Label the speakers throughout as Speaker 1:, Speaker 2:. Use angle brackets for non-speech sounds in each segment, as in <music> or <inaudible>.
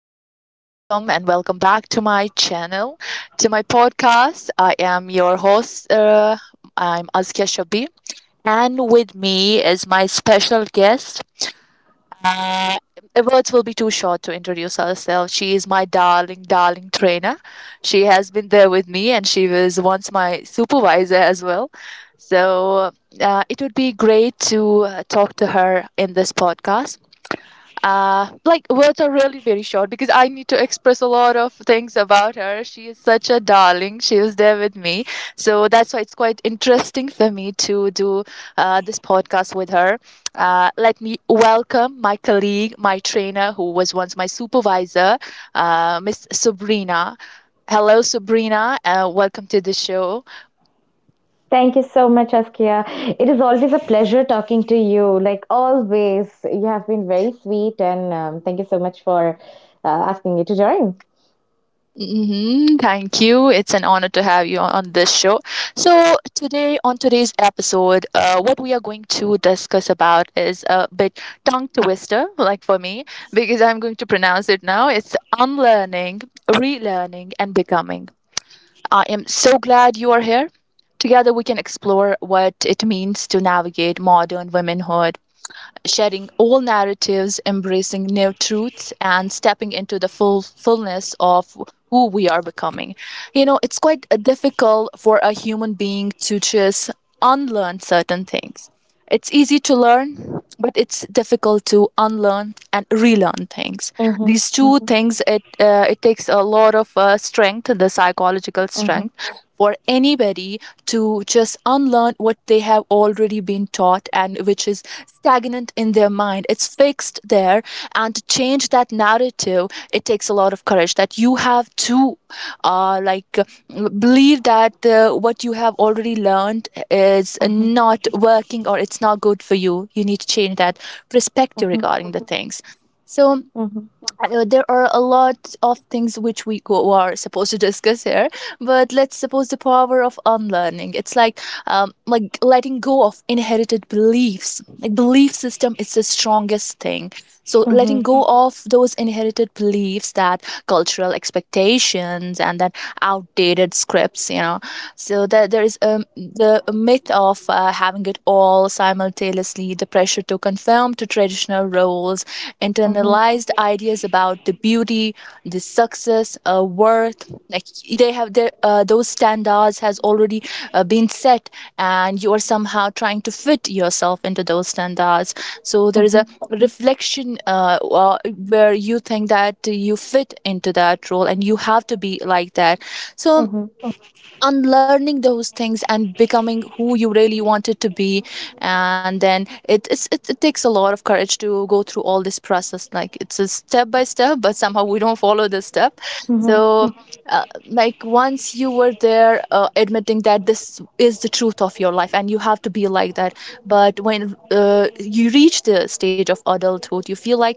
Speaker 1: everyone. Welcome and welcome back to my channel, to my podcast. I am your host. I'm Azkia Shabi, and with me is my special guest. Uh, Words will be too short to introduce herself. She is my darling, darling trainer. She has been there with me, and she was once my supervisor as well. So it would be great to talk to her in this podcast, like words are really very short because I need to express a lot of things about her. She is such a darling. She was there with me, so that's why it's quite interesting for me to do this podcast with her. Let me welcome my colleague, my trainer, who was once my supervisor, Miss Sabrina. Hello, Sabrina. Welcome to the show.
Speaker 2: Thank you so much, Askia. It is always a pleasure talking to you. Like always, you have been very sweet, and thank you so much for asking me to join.
Speaker 1: Mm-hmm. Thank you. It's an honor to have you on this show. So today, on today's episode, what we are going to discuss about is a bit tongue twister, like for me, because I'm going to pronounce it now. It's unlearning, relearning, and becoming. I am so glad you are here. Together, we can explore what it means to navigate modern womanhood, shedding all narratives, embracing new truths, and stepping into the fullness of who we are becoming. You know, it's quite difficult for a human being to just unlearn certain things. It's easy to learn, but it's difficult to unlearn and relearn things.
Speaker 2: Mm-hmm,
Speaker 1: These two
Speaker 2: mm-hmm,
Speaker 1: things, it takes a lot of strength, the psychological
Speaker 2: mm-hmm,
Speaker 1: strength, for anybody to just unlearn what they have already been taught, and which is stagnant in their mind. It's fixed there. And to change that narrative, it takes a lot of courage that you have to believe that what you have already learned is
Speaker 2: mm-hmm,
Speaker 1: not working, or it's not good for you. You need to change that perspective
Speaker 2: mm-hmm,
Speaker 1: regarding the things. So
Speaker 2: mm-hmm,
Speaker 1: there are a lot of things which are supposed to discuss here, but let's suppose the power of unlearning, it's like, like letting go of inherited beliefs, like belief system is the strongest thing. So
Speaker 2: mm-hmm,
Speaker 1: letting go of those inherited beliefs, that cultural expectations, and that outdated scripts, you know. So that there is, the myth of having it all simultaneously, the pressure to conform to traditional roles,
Speaker 2: mm-hmm,
Speaker 1: internalized ideas about the beauty, the success, worth. Like they have their, those standards has already been set, and you are somehow trying to fit yourself into those standards. So there is a reflection, where you think that you fit into that role, and you have to be like that. So
Speaker 2: mm-hmm,
Speaker 1: unlearning those things and becoming who you really wanted to be. And then it it's, it takes a lot of courage to go through all this process. Like it's a step by step, but somehow we don't follow the step.
Speaker 2: mm-hmm,
Speaker 1: So like once you were there, admitting that this is the truth of your life and you have to be like that. But when you reach the stage of adulthood, you feel like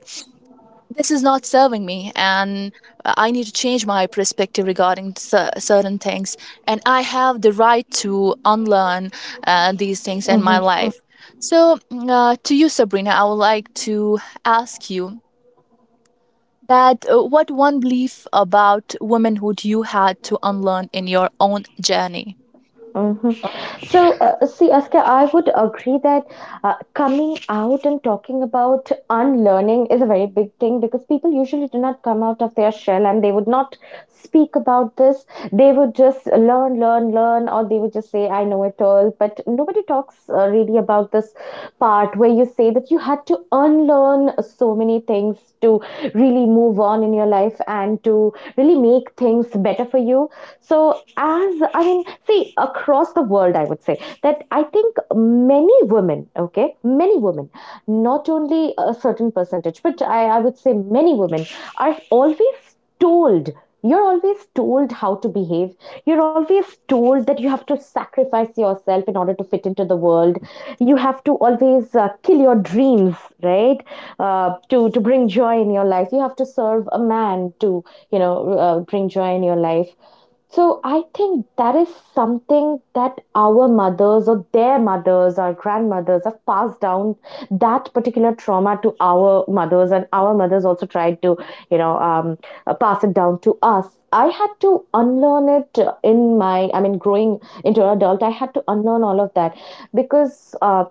Speaker 1: this is not serving me, and I need to change my perspective regarding certain things, and I have the right to unlearn these things in my
Speaker 2: mm-hmm.
Speaker 1: Life. So to you, Sabrina, I would like to ask you that, what one belief about womanhood you had to unlearn in your own journey?
Speaker 2: Mhm. See, Aska, I would agree that coming out and talking about unlearning is a very big thing because people usually do not come out of their shell and they would not speak about this. They would just learn, learn, learn, or they would just say, I know it all. But nobody talks really about this part where you say that you had to unlearn so many things to really move on in your life and to really make things better for you. So, as I mean, see, across the world, I would say that I think many women, okay, many women, not only a certain percentage, but I would say many women are always told. You're always told how to behave. You're always told that you have to sacrifice yourself in order to fit into the world. You have to always kill your dreams, right? To bring joy in your life. You have to serve a man to, you know, bring joy in your life, so I think that is something that our mothers or their mothers or grandmothers have passed down that particular trauma to our mothers, and our mothers also tried to, you know, pass it down to us. I had to unlearn it in my, I mean, growing into an adult, I had to unlearn all of that because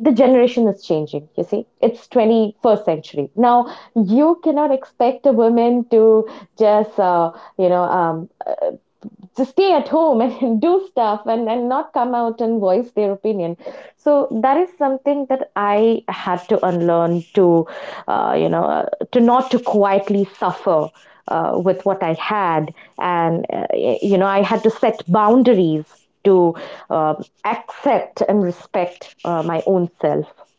Speaker 2: the generation is changing. You see, it's 21st century now. You cannot expect a woman to just. You know, um, to stay at home and <laughs> do stuff and, not come out and voice their opinion, so that is something that I had to unlearn to uh, you know uh, to not to quietly suffer with what I had. And You know, I had to set boundaries to um accept and respect my own self.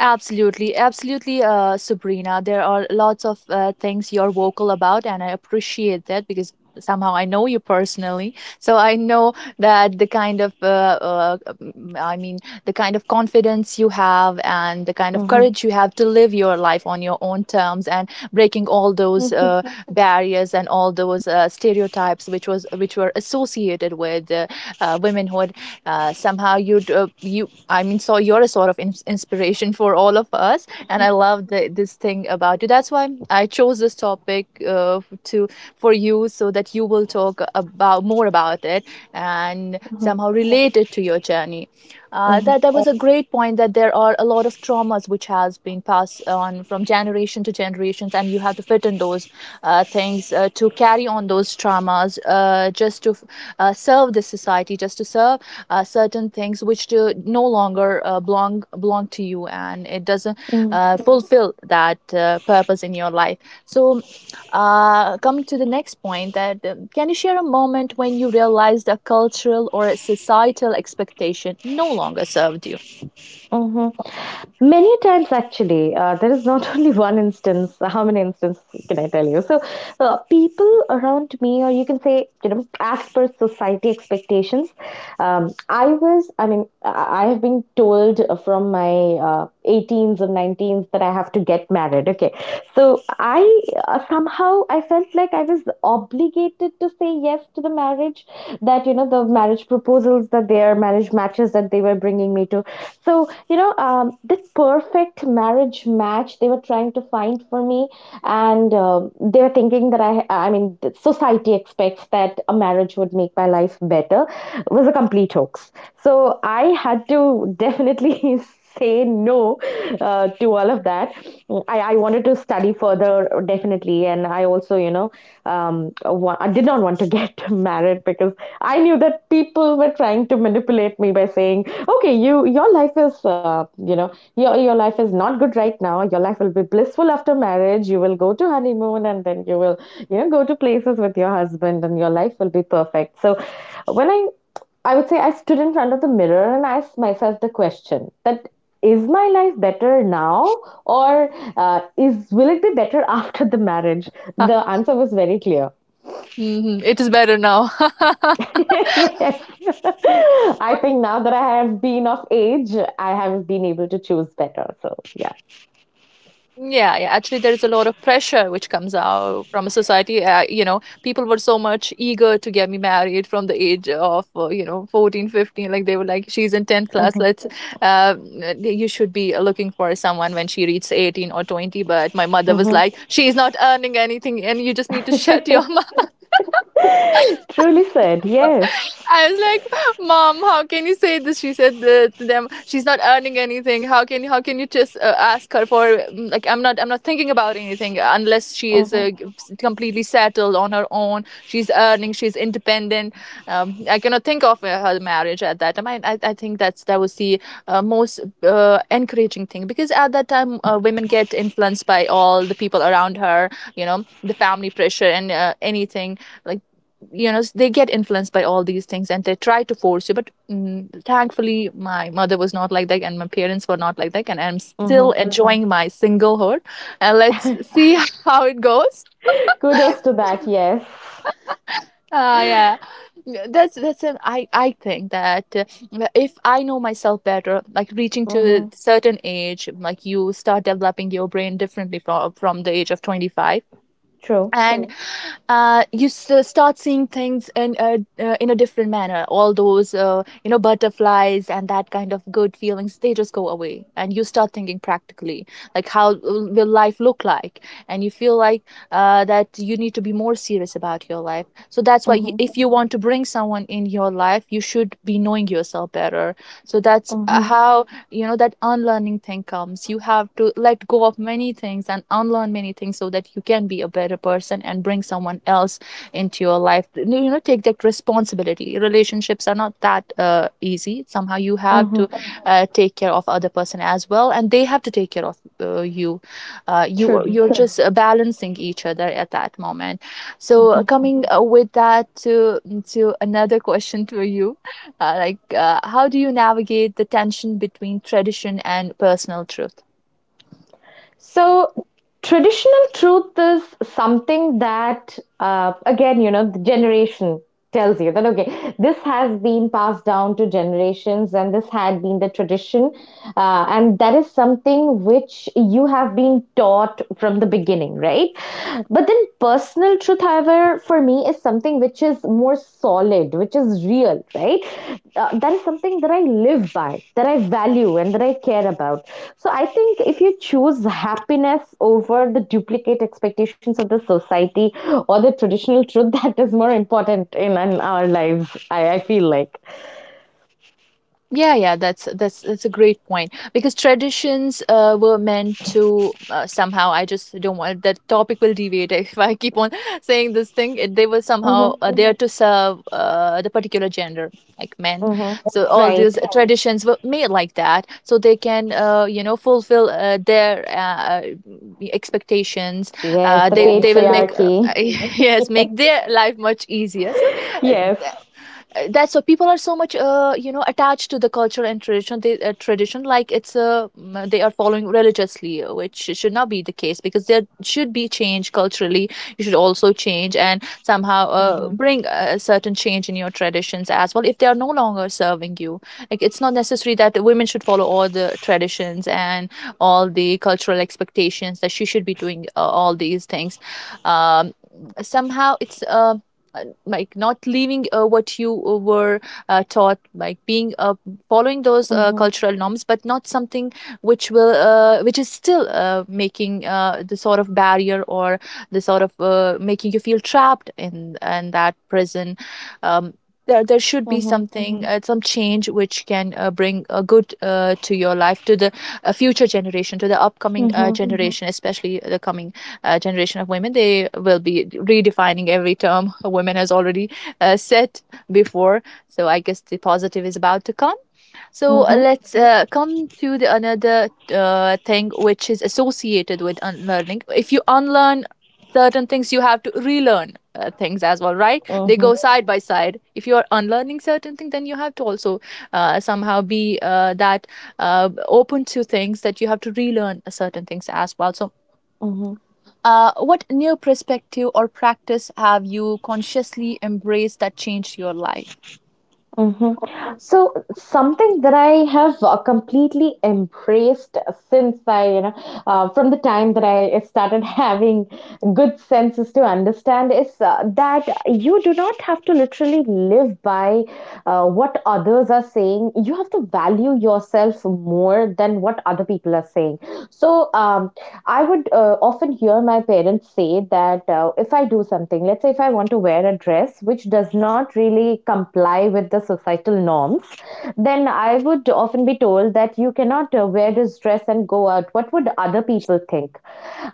Speaker 1: Absolutely, absolutely, Sabrina. There are lots of things you're vocal about, and I appreciate that because somehow I know you personally. So I know that the kind of, I mean, the kind of confidence you have and the kind of
Speaker 2: Mhm.
Speaker 1: courage you have to live your life on your own terms and breaking all those
Speaker 2: Mhm.
Speaker 1: barriers and all those stereotypes which were associated with women who somehow you, I mean, so you're a sort of inspiration for all of us. And I love this thing about you. That's why I chose this topic, to for you, so that you will talk about more about it and
Speaker 2: Mhm.
Speaker 1: somehow relate it to your journey.
Speaker 2: Mhm.
Speaker 1: That that was a great point, that there are a lot of traumas which has been passed on from generation to generations, and you have to fit in those things, to carry on those traumas, just to serve the society, just to serve certain things which do no longer belong to you, and it doesn't
Speaker 2: Mhm.
Speaker 1: fulfill that purpose in your life. So coming to the next point, that can you share a moment when you realized a cultural or a societal expectation no longer served you?
Speaker 2: Mhm. Many times, actually. There is not <laughs> only one instance. How many instances can I tell you? People around me, or you can say, you know, as per society expectations, I was, I mean, I have been told from my 18s or 19s that I have to get married. Okay. So, I Somehow I felt like I was obligated to say yes to the marriage, that, you know, the marriage proposals, that their marriage matches that they were bringing me to. So, you know, the perfect marriage match they were trying to find for me, and they were thinking that I mean, the society expects that a marriage would make my life better, was a complete hoax. So I had to definitely <laughs> say no to all of that. I wanted to study further, definitely, and I also, you know, I did not want to get <laughs> married because I knew that people were trying to manipulate me by saying, okay, you, your life is you know your life is not good right now. Your life will be blissful after marriage. You will go to honeymoon and then you will, you know, go to places with your husband and your life will be perfect. So when I would say, I stood in front of the mirror and asked myself the question that, is my life better now or uh, is will it be better <laughs> after the marriage?
Speaker 1: Ah,
Speaker 2: The answer was very clear.
Speaker 1: mhm. It is better now. <laughs>
Speaker 2: <laughs> Yes. <laughs> I think now that I have been of age, I have been able to choose better. So, yeah.
Speaker 1: Yeah, yeah. Actually, there is a lot of pressure which comes out from a society. You know, people were so much eager to get me married from the age of, you know, 14, 15. Like they were like, she's in 10th class.
Speaker 2: Hmm.
Speaker 1: Let's, uh, you should be looking for someone when she reaches 18 or 20. But my mother was
Speaker 2: Hmm.
Speaker 1: like, she's not earning anything, and you just need to shut your <laughs>
Speaker 2: <laughs> Truly said.
Speaker 1: <laughs>
Speaker 2: Yes.
Speaker 1: I was like, "Mom, how can you say this?" She said to them, "She's not earning anything. How can you just ask her for like, I'm not thinking about anything unless she is
Speaker 2: Hmm.
Speaker 1: completely settled on her own. She's earning. She's independent. I cannot think of her marriage at that time. I think that was the most encouraging thing, because at that time women get influenced by all the people around her. You know, the family pressure and anything like, you know, they get influenced by all these things and they try to force you. But thankfully my mother was not like that, and my parents were not like that, and I'm
Speaker 2: Hmm.
Speaker 1: still enjoying my singlehood, and let's see <laughs> how it goes.
Speaker 2: Kudos to that. Yes.
Speaker 1: Yeah. Yeah, that's an, I think that if I know myself better, like reaching to a
Speaker 2: Hmm.
Speaker 1: certain age, like you start developing your brain differently from the age of 25.
Speaker 2: True.
Speaker 1: And you start seeing things in a, in a different manner. All those you know, butterflies and that kind of good feelings, they just go away, and you start thinking practically, like how will life look like. And you feel like that you need to be more serious about your life. So that's why you,
Speaker 2: Hmm.
Speaker 1: if you want to bring someone in your life, you should be knowing yourself better. So that's
Speaker 2: Hmm.
Speaker 1: how, you know, that unlearning thing comes. You have to let go of many things and unlearn many things, so that you can be a better person and bring someone else into your life. You know, take that responsibility. Relationships are not that easy. Somehow you have
Speaker 2: Hmm.
Speaker 1: to take care of other person as well, and they have to take care of you.
Speaker 2: Truly.
Speaker 1: You're just balancing each other at that moment. So
Speaker 2: Hmm.
Speaker 1: coming with that to another <laughs> question to you, how do you navigate the tension between tradition and personal truth?
Speaker 2: So, traditional truth is something that, again, you know, the generation tells you that, okay, this has been passed down to generations and this had been the tradition. And that is something which you have been taught from the beginning, right? But then, personal truth, however, for me is something which is more solid, which is real, right? That is something that I live by, that I value, and that I care about. So I think if you choose happiness over the duplicate expectations of the society or the traditional truth, <laughs> that is more important in our lives, I feel like.
Speaker 1: Yeah, yeah, that's that's a great point, because traditions were meant to, somehow. I just don't want that topic will deviate <laughs> if I keep on <laughs> saying this thing. It, they were somehow
Speaker 2: Mm-hmm,
Speaker 1: there to serve the particular gender, like men.
Speaker 2: mm-hmm.
Speaker 1: So all these
Speaker 2: Right.
Speaker 1: traditions were made like that, so they can, you know, fulfill their expectations.
Speaker 2: Yes, the
Speaker 1: They will make <laughs>
Speaker 2: patriarchy.
Speaker 1: yes,
Speaker 2: <laughs>
Speaker 1: make their life much easier. Uh,
Speaker 2: Yes.
Speaker 1: that's what people are so much you know attached to the culture and tradition they tradition like it's a mm, they are following religiously, which should not be the case because there should be change culturally. You should also change and somehow
Speaker 2: Mm-hmm,
Speaker 1: bring a certain change in your traditions as well if they are no longer serving you. Like, it's not necessary that women should follow all the traditions and all the cultural expectations, that she should be doing all these things. Um somehow it's Like, not leaving what you were taught, like being following those
Speaker 2: mm-hmm,
Speaker 1: cultural norms, but not something which will which is still making the sort of barrier, or the sort of making you feel trapped in that prison. Um, there, there should be
Speaker 2: mm-hmm,
Speaker 1: something, some change, which can bring a good to your life, to the future generation, to the upcoming
Speaker 2: mm-hmm,
Speaker 1: generation, especially the coming generation of women. They will be redefining every term women has already said before. So I guess the positive is about to come. So uh,
Speaker 2: mm-hmm,
Speaker 1: let's uh, come to the another thing which is associated with unlearning. If you unlearn certain things, you have to relearn things as well, right? They
Speaker 2: mm-hmm.
Speaker 1: go side by side. If you are unlearning certain things, then you have to also somehow be that open to things, that you have to relearn certain things as well. So
Speaker 2: Mm-hmm.
Speaker 1: what new perspective or practice have you consciously embraced that changed your life?
Speaker 2: Hmm. So something that I have completely embraced since I, you know, from the time that I started <laughs> having good senses to understand is that you do not have to literally live by what others are saying. You have to value yourself more than what other people are saying. So, I would often hear my parents say that if I do something, let's say if I want to wear a dress which does not really comply with the societal norms, then I would often be told that you cannot wear this dress and go out. What would other people think?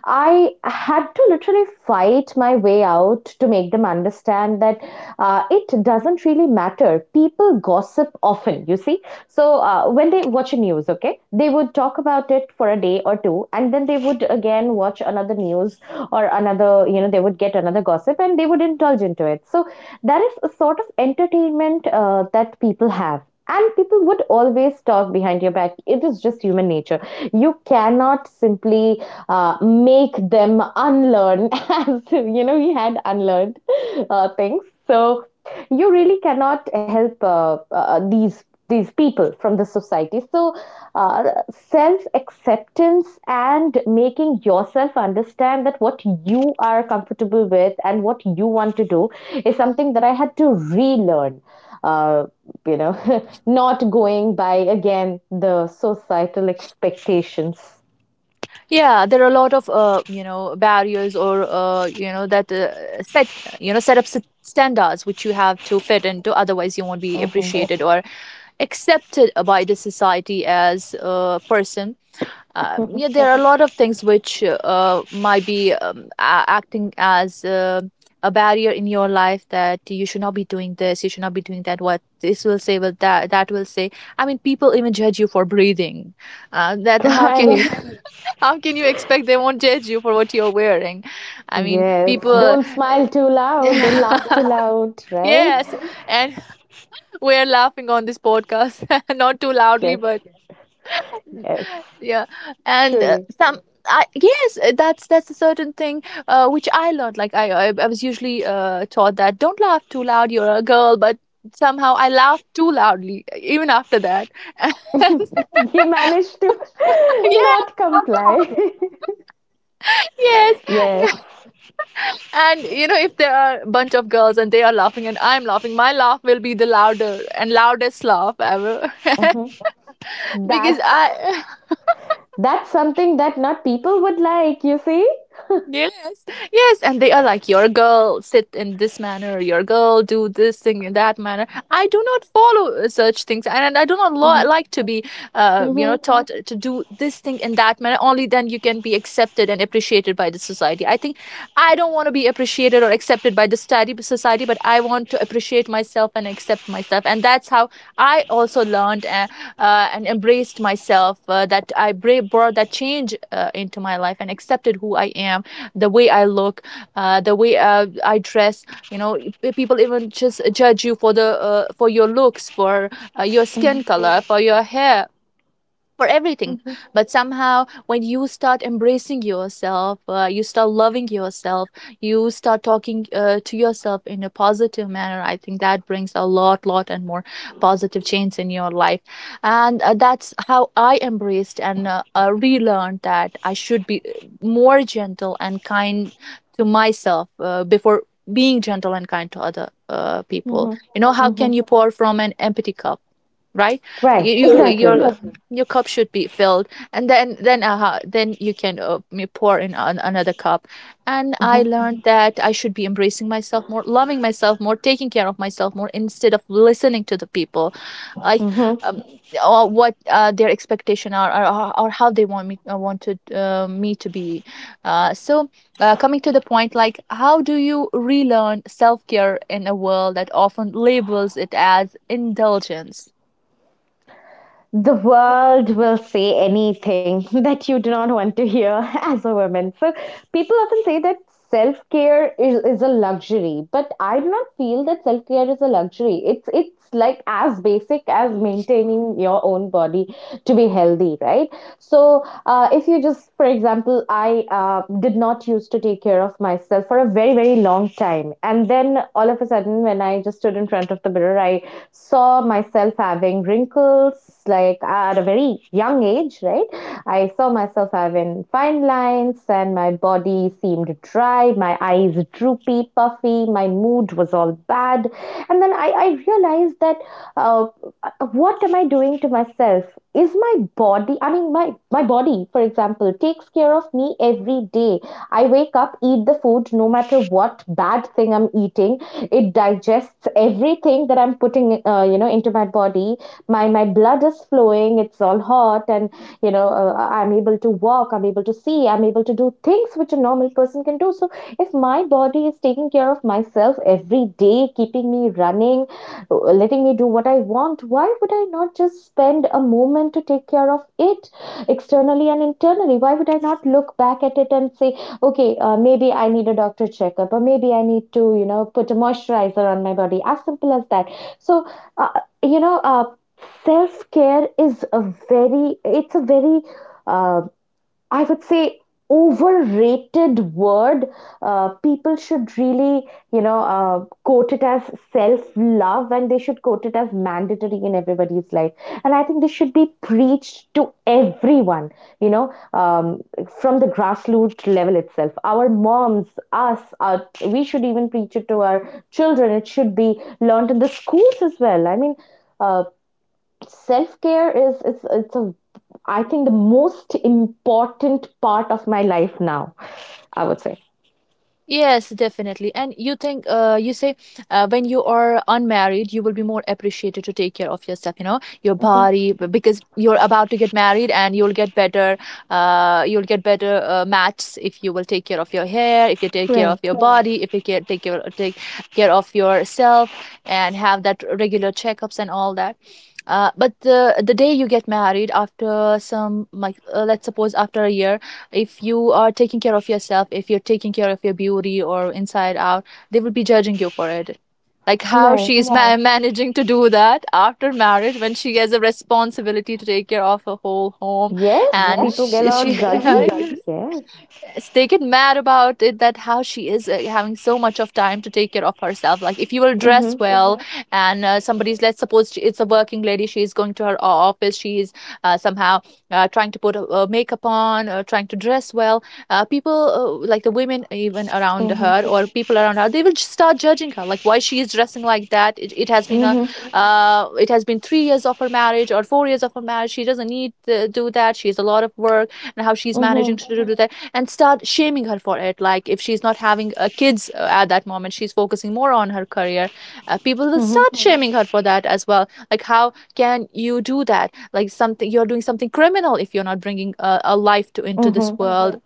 Speaker 2: I had to literally fight my way out to make them understand that it doesn't really matter. People gossip often, you see. So when they watch a news, okay, they would talk about it for a day or two, and then they would again watch another news or another, you know, they would get another gossip and they would indulge into it. So that is a sort of entertainment that people have. And people would always talk behind your back. It is just human nature. You cannot simply make them unlearn, <laughs> as you know, we had unlearned things. So you really cannot help these people from the society. So uh, self acceptance and making yourself understand that what you are comfortable with and what you want to do is something that I had to relearn, uh, you know <laughs> not going by again the societal expectations.
Speaker 1: Yeah, there are a lot of you know barriers, or you know that set, you know, set up standards which you have to fit into, otherwise you won't be
Speaker 2: Mhm.
Speaker 1: appreciated or accepted by the society as a person. Yeah,
Speaker 2: <laughs>
Speaker 1: there are a lot of things which might be acting as a barrier in your life, that you should not be doing this, you should not be doing that. What this will say, will that will say. I mean, people even judge you for breathing. That how can you
Speaker 2: Right.
Speaker 1: <laughs> how can you expect they won't judge you for what you're wearing? I mean,
Speaker 2: Yes,
Speaker 1: people.
Speaker 2: don't smile too loud, don't laugh too
Speaker 1: <laughs>
Speaker 2: loud, right?
Speaker 1: Yes, and we're laughing on this podcast, <laughs> not too loudly,
Speaker 2: Yes.
Speaker 1: but
Speaker 2: Yes,
Speaker 1: yeah and
Speaker 2: truly.
Speaker 1: some I, yes, that's a certain thing which I learned. I was usually taught that don't laugh too loud, you're a girl, but somehow I laughed too loudly even after that, <laughs> and
Speaker 2: You managed to <laughs>
Speaker 1: yes,
Speaker 2: not comply.
Speaker 1: yes.
Speaker 2: <laughs> Yes.
Speaker 1: <laughs> And you know, if there are a bunch of girls and they are laughing and I'm laughing, my laugh will be the louder and loudest laugh ever. <laughs>
Speaker 2: Mhm.
Speaker 1: because
Speaker 2: That's
Speaker 1: I
Speaker 2: that's something that not people would like, you see?
Speaker 1: Yes, yes, and they are like, "Your girl sit in this manner, your girl do this thing in that manner." I do not follow such things, and I do not
Speaker 2: Mhm.
Speaker 1: like to be you know
Speaker 2: Mhm.
Speaker 1: taught to do this thing in that manner. Only then you can be accepted and appreciated by the society. I think I don't want to be appreciated or accepted by the study society, but I want to appreciate myself and accept myself, and that's how I also learned, and embraced myself. That I bra- brought that change into my life and accepted who I am, the way I look, the way I dress. You know, people even just judge you for the for your looks, for your skin
Speaker 2: Mhm.
Speaker 1: color, for your hair, for everything.
Speaker 2: Mhm.
Speaker 1: But somehow, when you start embracing yourself, you start loving yourself, you start talking to yourself in a positive manner, I think that brings a lot and more positive change in your life. And that's how I embraced and relearned that I should be more gentle and kind to myself before being gentle and kind to other people.
Speaker 2: Mhm.
Speaker 1: You know, how
Speaker 2: Mhm.
Speaker 1: can you pour from an empty cup? Right. you,
Speaker 2: Right,
Speaker 1: you
Speaker 2: exactly.
Speaker 1: you're, your cup should be filled, and then then you can pour in another cup. And I
Speaker 2: Mhm.
Speaker 1: learned that I should be embracing myself more, loving myself more, taking care of myself more, instead of listening to the people, I
Speaker 2: Mhm.
Speaker 1: um, or what their expectation are, or how they want me wanted me to be. uh, so Coming to the point, like, how do you relearn self-care in a world that often labels it as indulgence?
Speaker 2: The world will say anything <laughs> that you do not want to hear <laughs> as a woman. So people often say that self care is a luxury, but I do not feel that self care is a luxury. It's like as basic as maintaining your own body to be healthy, right? So if you just, for example, I did not used to take care of myself for a very, very long time, and then all of a sudden when I just stood in front of the mirror, I saw myself having wrinkles, like at a very young age, right? I saw myself having fine lines and my body seemed dry, my eyes droopy, puffy, my mood was all bad. And then I realized that, uh, what am I doing to myself? Is my body, I mean, my body, for example, takes care of me every day. I wake up, eat the food, no matter what bad thing I'm eating, it digests everything that I'm putting you know, into my body. My blood is flowing, it's all hot, and you know, I'm able to walk, I'm able to see, I'm able to do things which a normal person can do. So if my body is taking care of myself every day, keeping me running, letting me do what I want, why would I not just spend a moment to take care of it externally and internally? Why would I not look back at it and say, okay, maybe I need a doctor checkup, or maybe I need to, you know, put a moisturizer on my body, as simple as that. So, uh, you know, uh, self care is a very, it's a very, uh, I would say, overrated word. People should really, you know, quote it as self love, and they should quote it as mandatory in everybody's life. And I think this should be preached to everyone, you know, from the grassroots level itself. Our moms, us, our, we should even preach it to our children. It should be learned in the schools as well. I mean, uh, self care is, it's a, I think the most important part of my life now. I would say.
Speaker 1: Yes, definitely. And you think, you say, when you are unmarried, you will be more appreciated to take care of yourself, you know, your
Speaker 2: Hmm.
Speaker 1: body, because you're about to get married and you'll get better mats if you will take care of your hair, if you take care of
Speaker 2: Right.
Speaker 1: your body, if you take care of yourself, and have that regular checkups and all that. But the day you get married, after some, like, let's suppose after a year, if you are taking care of yourself, if you're taking care of your beauty, or inside out, they will be judging you for it. Like, how
Speaker 2: Right.
Speaker 1: she is ma- Right. Managing to do that after marriage, when she has a responsibility to take care of her whole home. Yes.
Speaker 2: Yes,
Speaker 1: And
Speaker 2: people get
Speaker 1: she,
Speaker 2: out
Speaker 1: she <laughs>
Speaker 2: judgy.
Speaker 1: Yes,
Speaker 2: Yes.
Speaker 1: they get mad about it, that how she is having so much of time to take care of herself. Like, if you will dress
Speaker 2: Mhm.
Speaker 1: well, Mhm. and somebody's, let's suppose she, it's a working lady, she is going to her office, she is somehow trying to put a makeup on, trying to dress well, people, like the women even around
Speaker 2: Mhm.
Speaker 1: her, or people around her, they will just start judging her, like, why she is dressing like that. It has been a
Speaker 2: Mhm.
Speaker 1: Mhm. It has been 3 years of her marriage, or 4 years of her marriage, she doesn't need to do that, she has a lot of work, and how she's managing
Speaker 2: Mhm.
Speaker 1: to do that, and start shaming her for it. Like, if she's not having kids at that moment, she's focusing more on her career. People will
Speaker 2: Mhm.
Speaker 1: start shaming her for that as well, like, how can you do that, like, something, you're doing something criminal if you're not bringing a life to into this
Speaker 2: Mhm.
Speaker 1: world,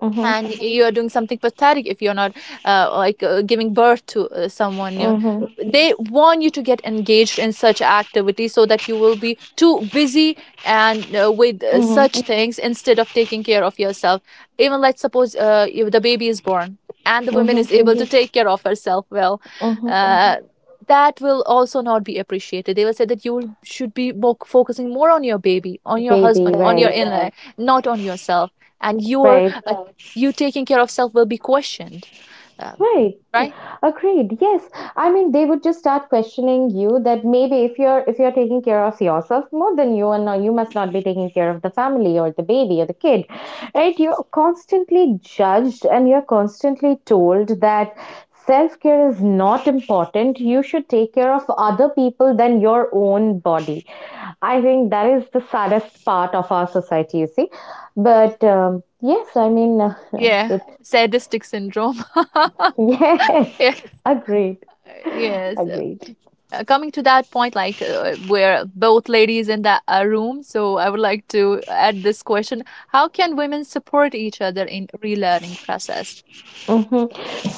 Speaker 2: Mhm.
Speaker 1: and Mhm. you are doing something pathetic if you're not giving birth to someone new.
Speaker 2: Mhm.
Speaker 1: They want you to get engaged in such activities so that you will be too busy and with
Speaker 2: Mhm.
Speaker 1: such things, instead of taking care of yourself. Even, let's suppose, if the baby is born and the woman
Speaker 2: Mhm.
Speaker 1: is able to Mhm. take care of herself well,
Speaker 2: Mhm.
Speaker 1: Mhm. that will also not be appreciated. They will say that you should be more focusing more on your baby, on your husband,
Speaker 2: Baby,
Speaker 1: on your
Speaker 2: right,
Speaker 1: Baby, in, yeah. inner, not on yourself and your,
Speaker 2: right,
Speaker 1: you taking care of self will be questioned. um,
Speaker 2: right.
Speaker 1: right,
Speaker 2: Agreed. Yes. I mean, they would just start questioning you that maybe if you're taking care of yourself more than you and now you must not be taking care of the family or the baby or the kid. Right? You're constantly judged and you're constantly told that self-care is not important. You should take care of other people than your own body. I think that is the saddest part of our society, you see. But yes, I mean, <laughs>
Speaker 1: yeah,
Speaker 2: it's
Speaker 1: sadistic syndrome.
Speaker 2: <laughs>
Speaker 1: <laughs>
Speaker 2: yes.
Speaker 1: Yeah,
Speaker 2: Agreed. <laughs>
Speaker 1: yes.
Speaker 2: Agreed.
Speaker 1: Coming to that point, like, we're both ladies in that room, so I would like to add this question. How can women support each other in relearning process?
Speaker 2: Hmm.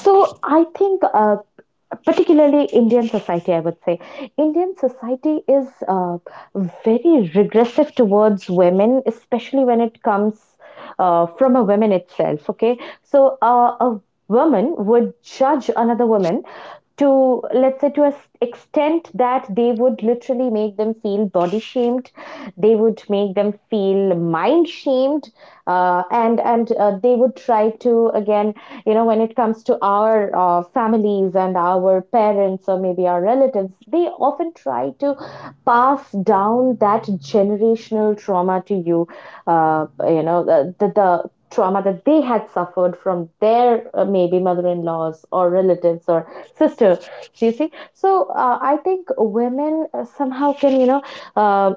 Speaker 2: So I think, particularly Indian society, I would say, Indian society is very regressive towards women, especially when it comes. From a woman itself, okay, so a women would judge another woman to, let's say, to an extent that they would literally make them feel body shamed. They would make them feel mind shamed, and they would try to, again, you know, when it comes to our families and our parents or maybe our relatives, they often try to pass down that generational trauma to you. You know, the trauma that they had suffered from their maybe mother-in-laws or relatives or sister, do you see? So I think women somehow can, you know, uh,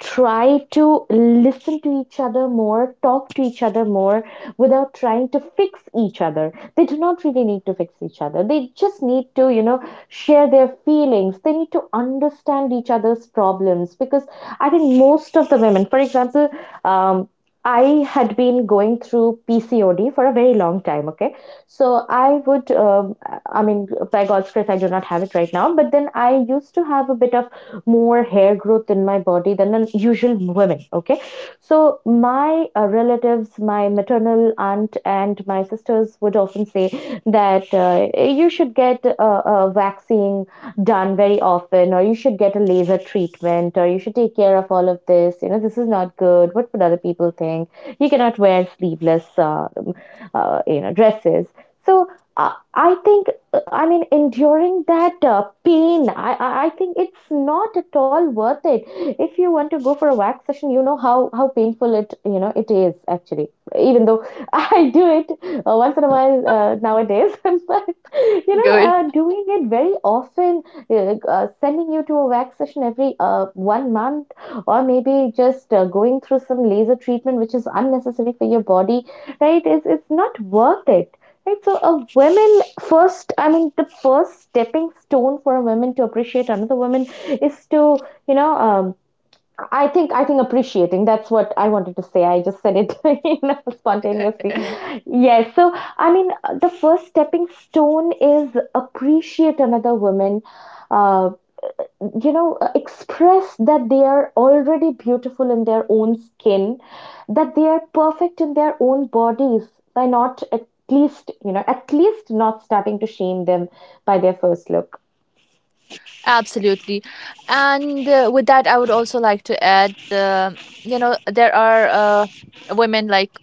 Speaker 2: try to listen to each other more, talk to each other more, without trying to fix each other. They do not really need to fix each other, they just need to, you know, share their feelings. They need to understand each other's problems, because I think most of the women, for example, um, I had been going through PCOD for a very long time. Okay, so I would, I mean, by God's grace, I do not have it right now. But then I used to have a bit of more hair growth in my body than an usual women. Okay, so my relatives, my maternal aunt, and my sisters would often say that you should get a vaccine done very often, or you should get a laser treatment, or you should take care of all of this. You know, this is not good. What would other people think? You cannot wear sleeveless, you know, dresses. So I think, I mean, enduring that pain, I think it's not at all worth it. If you want to go for a wax session, you know how painful it, you know, it is actually. Even though <laughs> I do it once in a while nowadays, <laughs> but you know,
Speaker 1: Good.
Speaker 2: doing it very often, sending you to a wax session every 1 month, or maybe just going through some laser treatment which is unnecessary for your body, right? It's not worth it. Right, so a woman first, I mean, the first stepping stone for a woman to appreciate another woman is to, you know, I think, appreciating. That's what I wanted to say. I just said it, <laughs> you know, spontaneously.
Speaker 1: <laughs>
Speaker 2: Yes. So, I mean, the first stepping stone is appreciate another woman, uh, you know, express that they are already beautiful in their own skin, that they are perfect in their own bodies, by not at least, you know, at least not starting to shame them by their first look.
Speaker 1: Absolutely. And with that, I would also like to add, um, you know, there are women, like,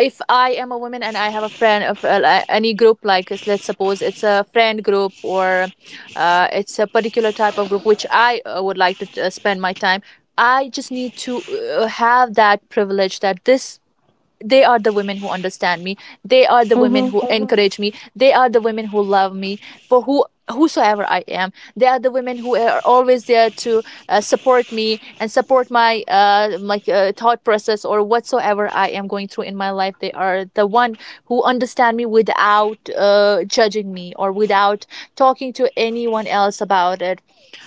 Speaker 1: if I am a woman and I have a friend of any group, like, let's suppose it's a friend group, or it's a particular type of group which I would like to spend my time, I just need to have that privilege, that this, they are the women who understand me, they are the women
Speaker 2: Mm-hmm.
Speaker 1: who encourage me, they are the women who love me for who, whosoever I am, they are the women who are always there to support me and support my thought process, or whatsoever I am going through in my life. They are the one who understand me without judging me, or without talking to anyone else about it.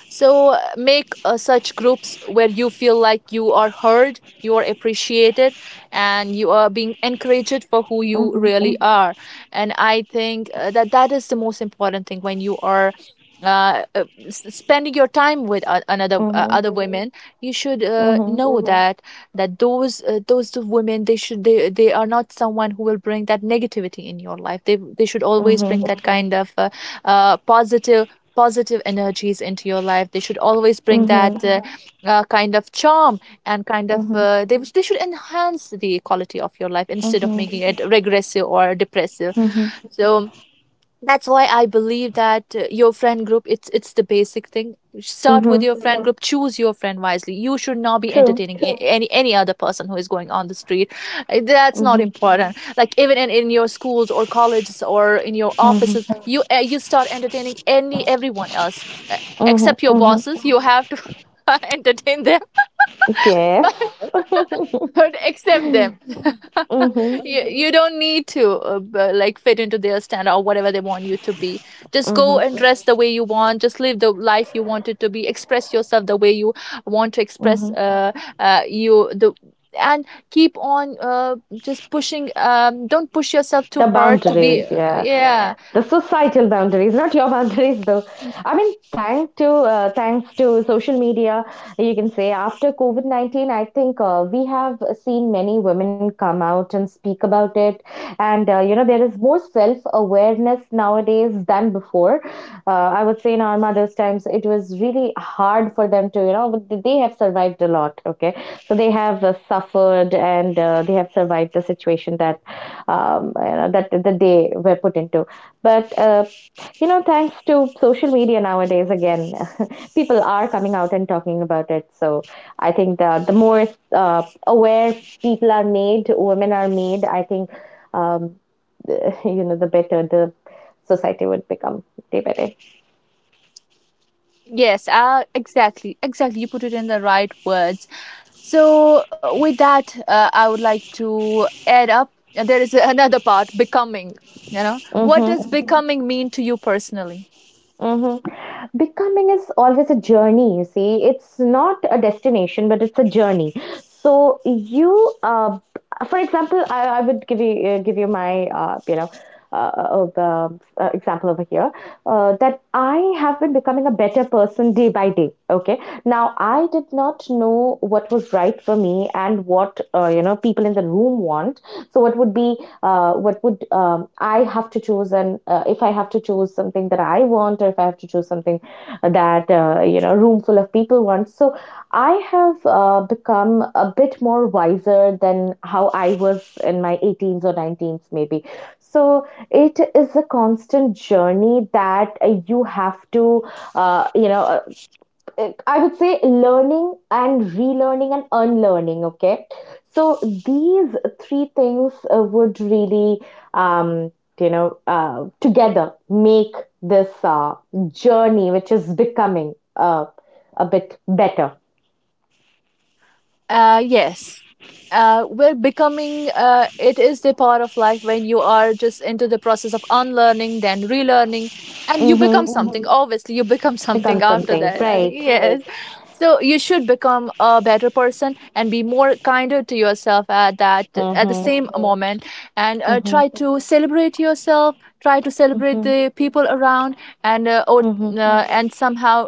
Speaker 1: So make such groups where you feel like you are heard, you are appreciated, and you are being encouraged for who you
Speaker 2: Mm-hmm.
Speaker 1: really are. And I think that is the most important thing when you are. Spending your time with another
Speaker 2: Mm-hmm.
Speaker 1: other women, you should
Speaker 2: Mm-hmm.
Speaker 1: know Mhm. that those two women, they should, they are not someone who will bring that negativity in your life. They should always
Speaker 2: Mm-hmm.
Speaker 1: bring that kind of positive, positive energies into your life. They should always bring
Speaker 2: Mm-hmm.
Speaker 1: that kind of charm, and kind of
Speaker 2: Mm-hmm.
Speaker 1: they should enhance the quality of your life instead of
Speaker 2: Mm-hmm.
Speaker 1: making it regressive or depressive.
Speaker 2: Mm-hmm.
Speaker 1: So that's why I believe that your friend group, it's the basic thing. Start with
Speaker 2: Mm-hmm.
Speaker 1: your friend group, choose your friend wisely. You should not be
Speaker 2: True.
Speaker 1: entertaining any other person who is going on the street. That's not
Speaker 2: Mm-hmm.
Speaker 1: important. Like, even in your schools or colleges, or in your offices,
Speaker 2: Mm-hmm.
Speaker 1: you you start entertaining any, everyone else, uh,
Speaker 2: Mm-hmm.
Speaker 1: except your
Speaker 2: Mm-hmm.
Speaker 1: bosses. You have to <laughs> entertain them,
Speaker 2: Yes.
Speaker 1: but
Speaker 2: <laughs>
Speaker 1: accept
Speaker 2: Mm-hmm.
Speaker 1: them.
Speaker 2: Mm-hmm.
Speaker 1: <laughs> You don't need to like fit into their standard or whatever they want you to be. Just go
Speaker 2: Mm-hmm.
Speaker 1: and dress the way you want. Just live the life you want it to be. Express yourself the way you want to express. You the and Keep on just pushing. Don't push yourself too
Speaker 2: The
Speaker 1: hard to be
Speaker 2: boundaries, yeah.
Speaker 1: yeah.
Speaker 2: The societal boundaries, not your <laughs> boundaries, though. I mean, thanks to thanks to social media, you can say after COVID 19, I think we have seen many women come out and speak about it, and you know, there is more self awareness nowadays than before. I would say in our mothers' times, it was really hard for them to, you know, but they have survived a lot. Okay, so they have suffered and they have survived the situation that, you know, that they were put into. But you know, thanks to social media nowadays, again, <laughs> people are coming out and talking about it. So I think the more aware people are made, women are made. I think, um, <laughs> you know, the better the society would become day by day.
Speaker 1: Yes, exactly, you put it in the right words. So, with that, I would like to add up. There is <laughs> another part becoming. You know, what
Speaker 2: Mm-hmm.
Speaker 1: does becoming mean to you personally?
Speaker 2: Mm-hmm. Becoming is always a journey, you see. It's not a destination, but it's a journey. So you, uh, for example, I would give you my, uh, uh, example over here, that I have been becoming a better person day by day. Okay, now I did not know what was right for me and what, you know, people in the room want. So what would be, what would, I have to choose, and if I have to choose something that I want, or if I have to choose something that, you know, room full of people wants. So I have become a bit more wiser than how I was in my 18s or 19s maybe. So it is a constant journey that you have to, uh, you know uh, I would say, learning and relearning and unlearning. Okay, so these three things would really, um, you know, together make this journey, which is becoming a bit better.
Speaker 1: Yes. We're becoming, it is the part of life when you are just into the process of unlearning, then relearning, and you
Speaker 2: Hmm.
Speaker 1: become something. Obviously, you become <laughs> something
Speaker 2: Become
Speaker 1: after
Speaker 2: something,
Speaker 1: that. I think, <laughs>
Speaker 2: right.
Speaker 1: yes. So you should become a better person and be more kinder to yourself at the
Speaker 2: Mm-hmm.
Speaker 1: same moment, and
Speaker 2: Mm-hmm.
Speaker 1: try to celebrate yourself. Try to celebrate
Speaker 2: Mm-hmm.
Speaker 1: the people around, and uh, or,
Speaker 2: Mm-hmm.
Speaker 1: and somehow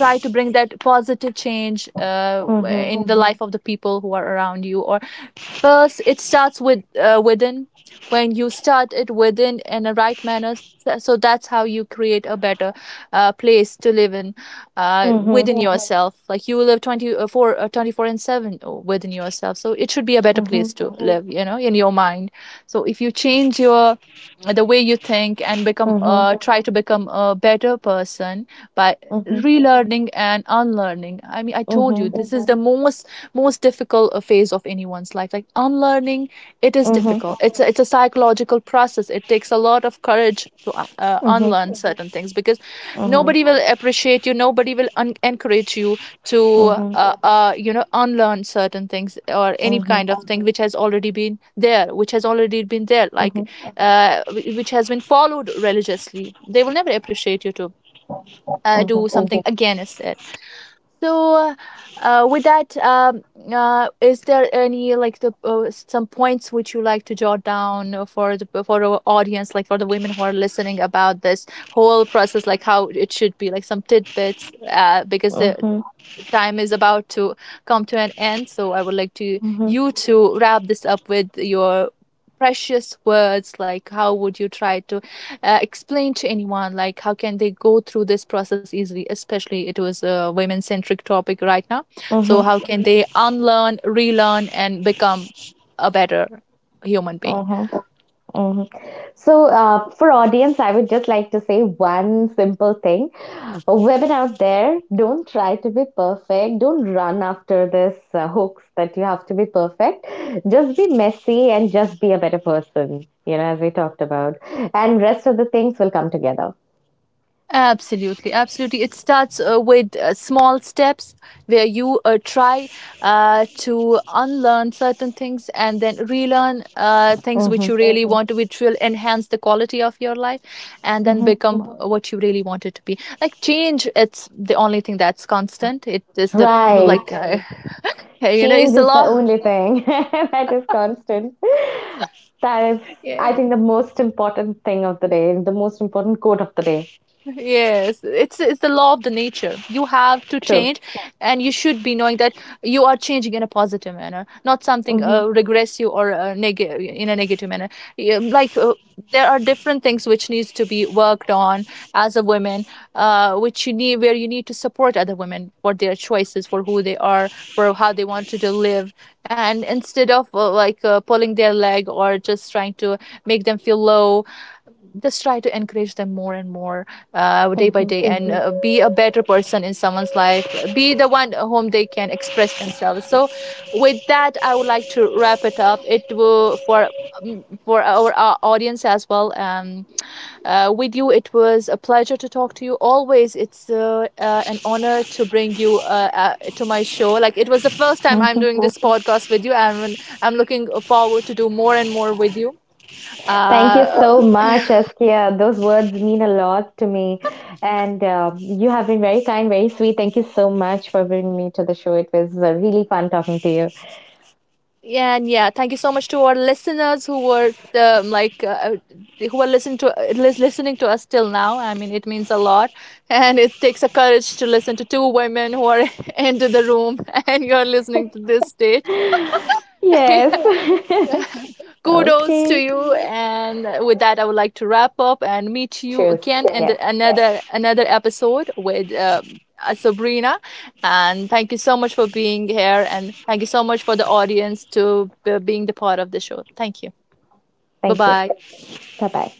Speaker 1: try to bring that positive change
Speaker 2: Mm-hmm.
Speaker 1: in the life of the people who are around you or First, it starts with within. When you start it within in a right manner, so that's how you create a better place to live in, within
Speaker 2: Mm-hmm.
Speaker 1: yourself. Like you live 24, four 24/7, within yourself. So it should be a better
Speaker 2: Mm-hmm.
Speaker 1: place to live, in your mind. So if you change your the way you think, and become
Speaker 2: Mm-hmm.
Speaker 1: try to become a better person by
Speaker 2: Mm-hmm.
Speaker 1: relearning and unlearning. I mean, I
Speaker 2: Mm-hmm.
Speaker 1: told you
Speaker 2: Mm-hmm.
Speaker 1: this is the most difficult phase of anyone's life, like unlearning. It is
Speaker 2: Mm-hmm.
Speaker 1: difficult. It's a psychological process. It takes a lot of courage to
Speaker 2: Mm-hmm.
Speaker 1: unlearn certain things, because
Speaker 2: Mm-hmm.
Speaker 1: nobody will appreciate you, nobody will encourage you to
Speaker 2: Mm-hmm.
Speaker 1: unlearn certain things, or any kind of thing which has already been there,
Speaker 2: Mm-hmm.
Speaker 1: like which has been followed religiously. They will never appreciate you to
Speaker 2: Mm-hmm.
Speaker 1: do something again, is there. So, with that, is there any, like, the some points which you like to jot down for the for our audience, like for the women who are listening about this whole process, like how it should be, like some tidbits, because
Speaker 2: Mm-hmm,
Speaker 1: the
Speaker 2: mm-hmm,
Speaker 1: time is about to come to an end. So I would like to you to wrap this up with your precious words, like how would you try to explain to anyone, like how can they go through this process easily, especially it was a women centric topic right now. So how
Speaker 2: mm-hmm,
Speaker 1: can they unlearn, relearn and become a better human being?
Speaker 2: mm-hmm, mm-hmm. So, for audience, I would just like to say one simple thing. Women out there, don't try to be perfect. Don't run after this hoax that you have to be perfect. Just be messy and just be a better person, you know, as we talked about. And rest of the things will come together.
Speaker 1: Absolutely, absolutely. It starts with small steps where you try to unlearn certain things, and then relearn things
Speaker 2: Mm-hmm,
Speaker 1: which you really want, which will enhance the quality of your life, and then
Speaker 2: mm-hmm.
Speaker 1: become what you really want it to be. Like change, it's the only thing that's constant. It is the like
Speaker 2: Right.
Speaker 1: Hey, you know, it's
Speaker 2: Change
Speaker 1: the
Speaker 2: is the
Speaker 1: law.
Speaker 2: only thing <laughs> that is constant. That is,
Speaker 1: <laughs> Yeah.
Speaker 2: I think, the most important thing of the day, the most important quote of the day.
Speaker 1: Yes, it's the law of the nature. You have to
Speaker 2: True.
Speaker 1: change, and you should be knowing that you are changing in a positive manner, not something
Speaker 2: Hmm.
Speaker 1: regressive or negative, in a negative manner. Yeah, like there are different things which needs to be worked on as a woman, which you need where you need to support other women for their choices, for who they are, for how they wanted to live, and instead of like pulling their leg or just trying to make them feel low, just try to encourage them more and more day by
Speaker 2: Hmm.
Speaker 1: day, and be a better person in someone's life. Be the one whom they can express themselves. So with that, I would like to wrap it up. It will for mm, For our audience as well. With you, it was a pleasure to talk to you. Always it's an honor to bring you to my show. Like it was the first time I'm
Speaker 2: Hmm.
Speaker 1: doing this podcast with you, and I'm looking forward to do more and more with you
Speaker 2: Thank
Speaker 1: uh,
Speaker 2: you so much, Askia. Those words mean a lot to me. And you have been very kind, very sweet. Thank you so much for bringing me to the show. It was really fun talking to you.
Speaker 1: Yeah, and yeah, thank you so much to our listeners who were, um, like uh, who are listening to listening to us till now. I mean, it means a lot, <laughs> and it takes a courage to listen to two women who are <laughs> into the room, <laughs> and you are listening to this stage.
Speaker 2: <laughs> Yes.
Speaker 1: <laughs>
Speaker 2: <laughs>
Speaker 1: Kudos to
Speaker 2: Okay.
Speaker 1: you. And with that, I would like to wrap up and meet you
Speaker 2: Cheers.
Speaker 1: again in
Speaker 2: Yes.
Speaker 1: another episode with Sabrina. And thank you so much for being here. And thank you so much for the audience to being the part of the show. Thank you. Bye
Speaker 2: Thank you.
Speaker 1: bye.
Speaker 2: Bye bye.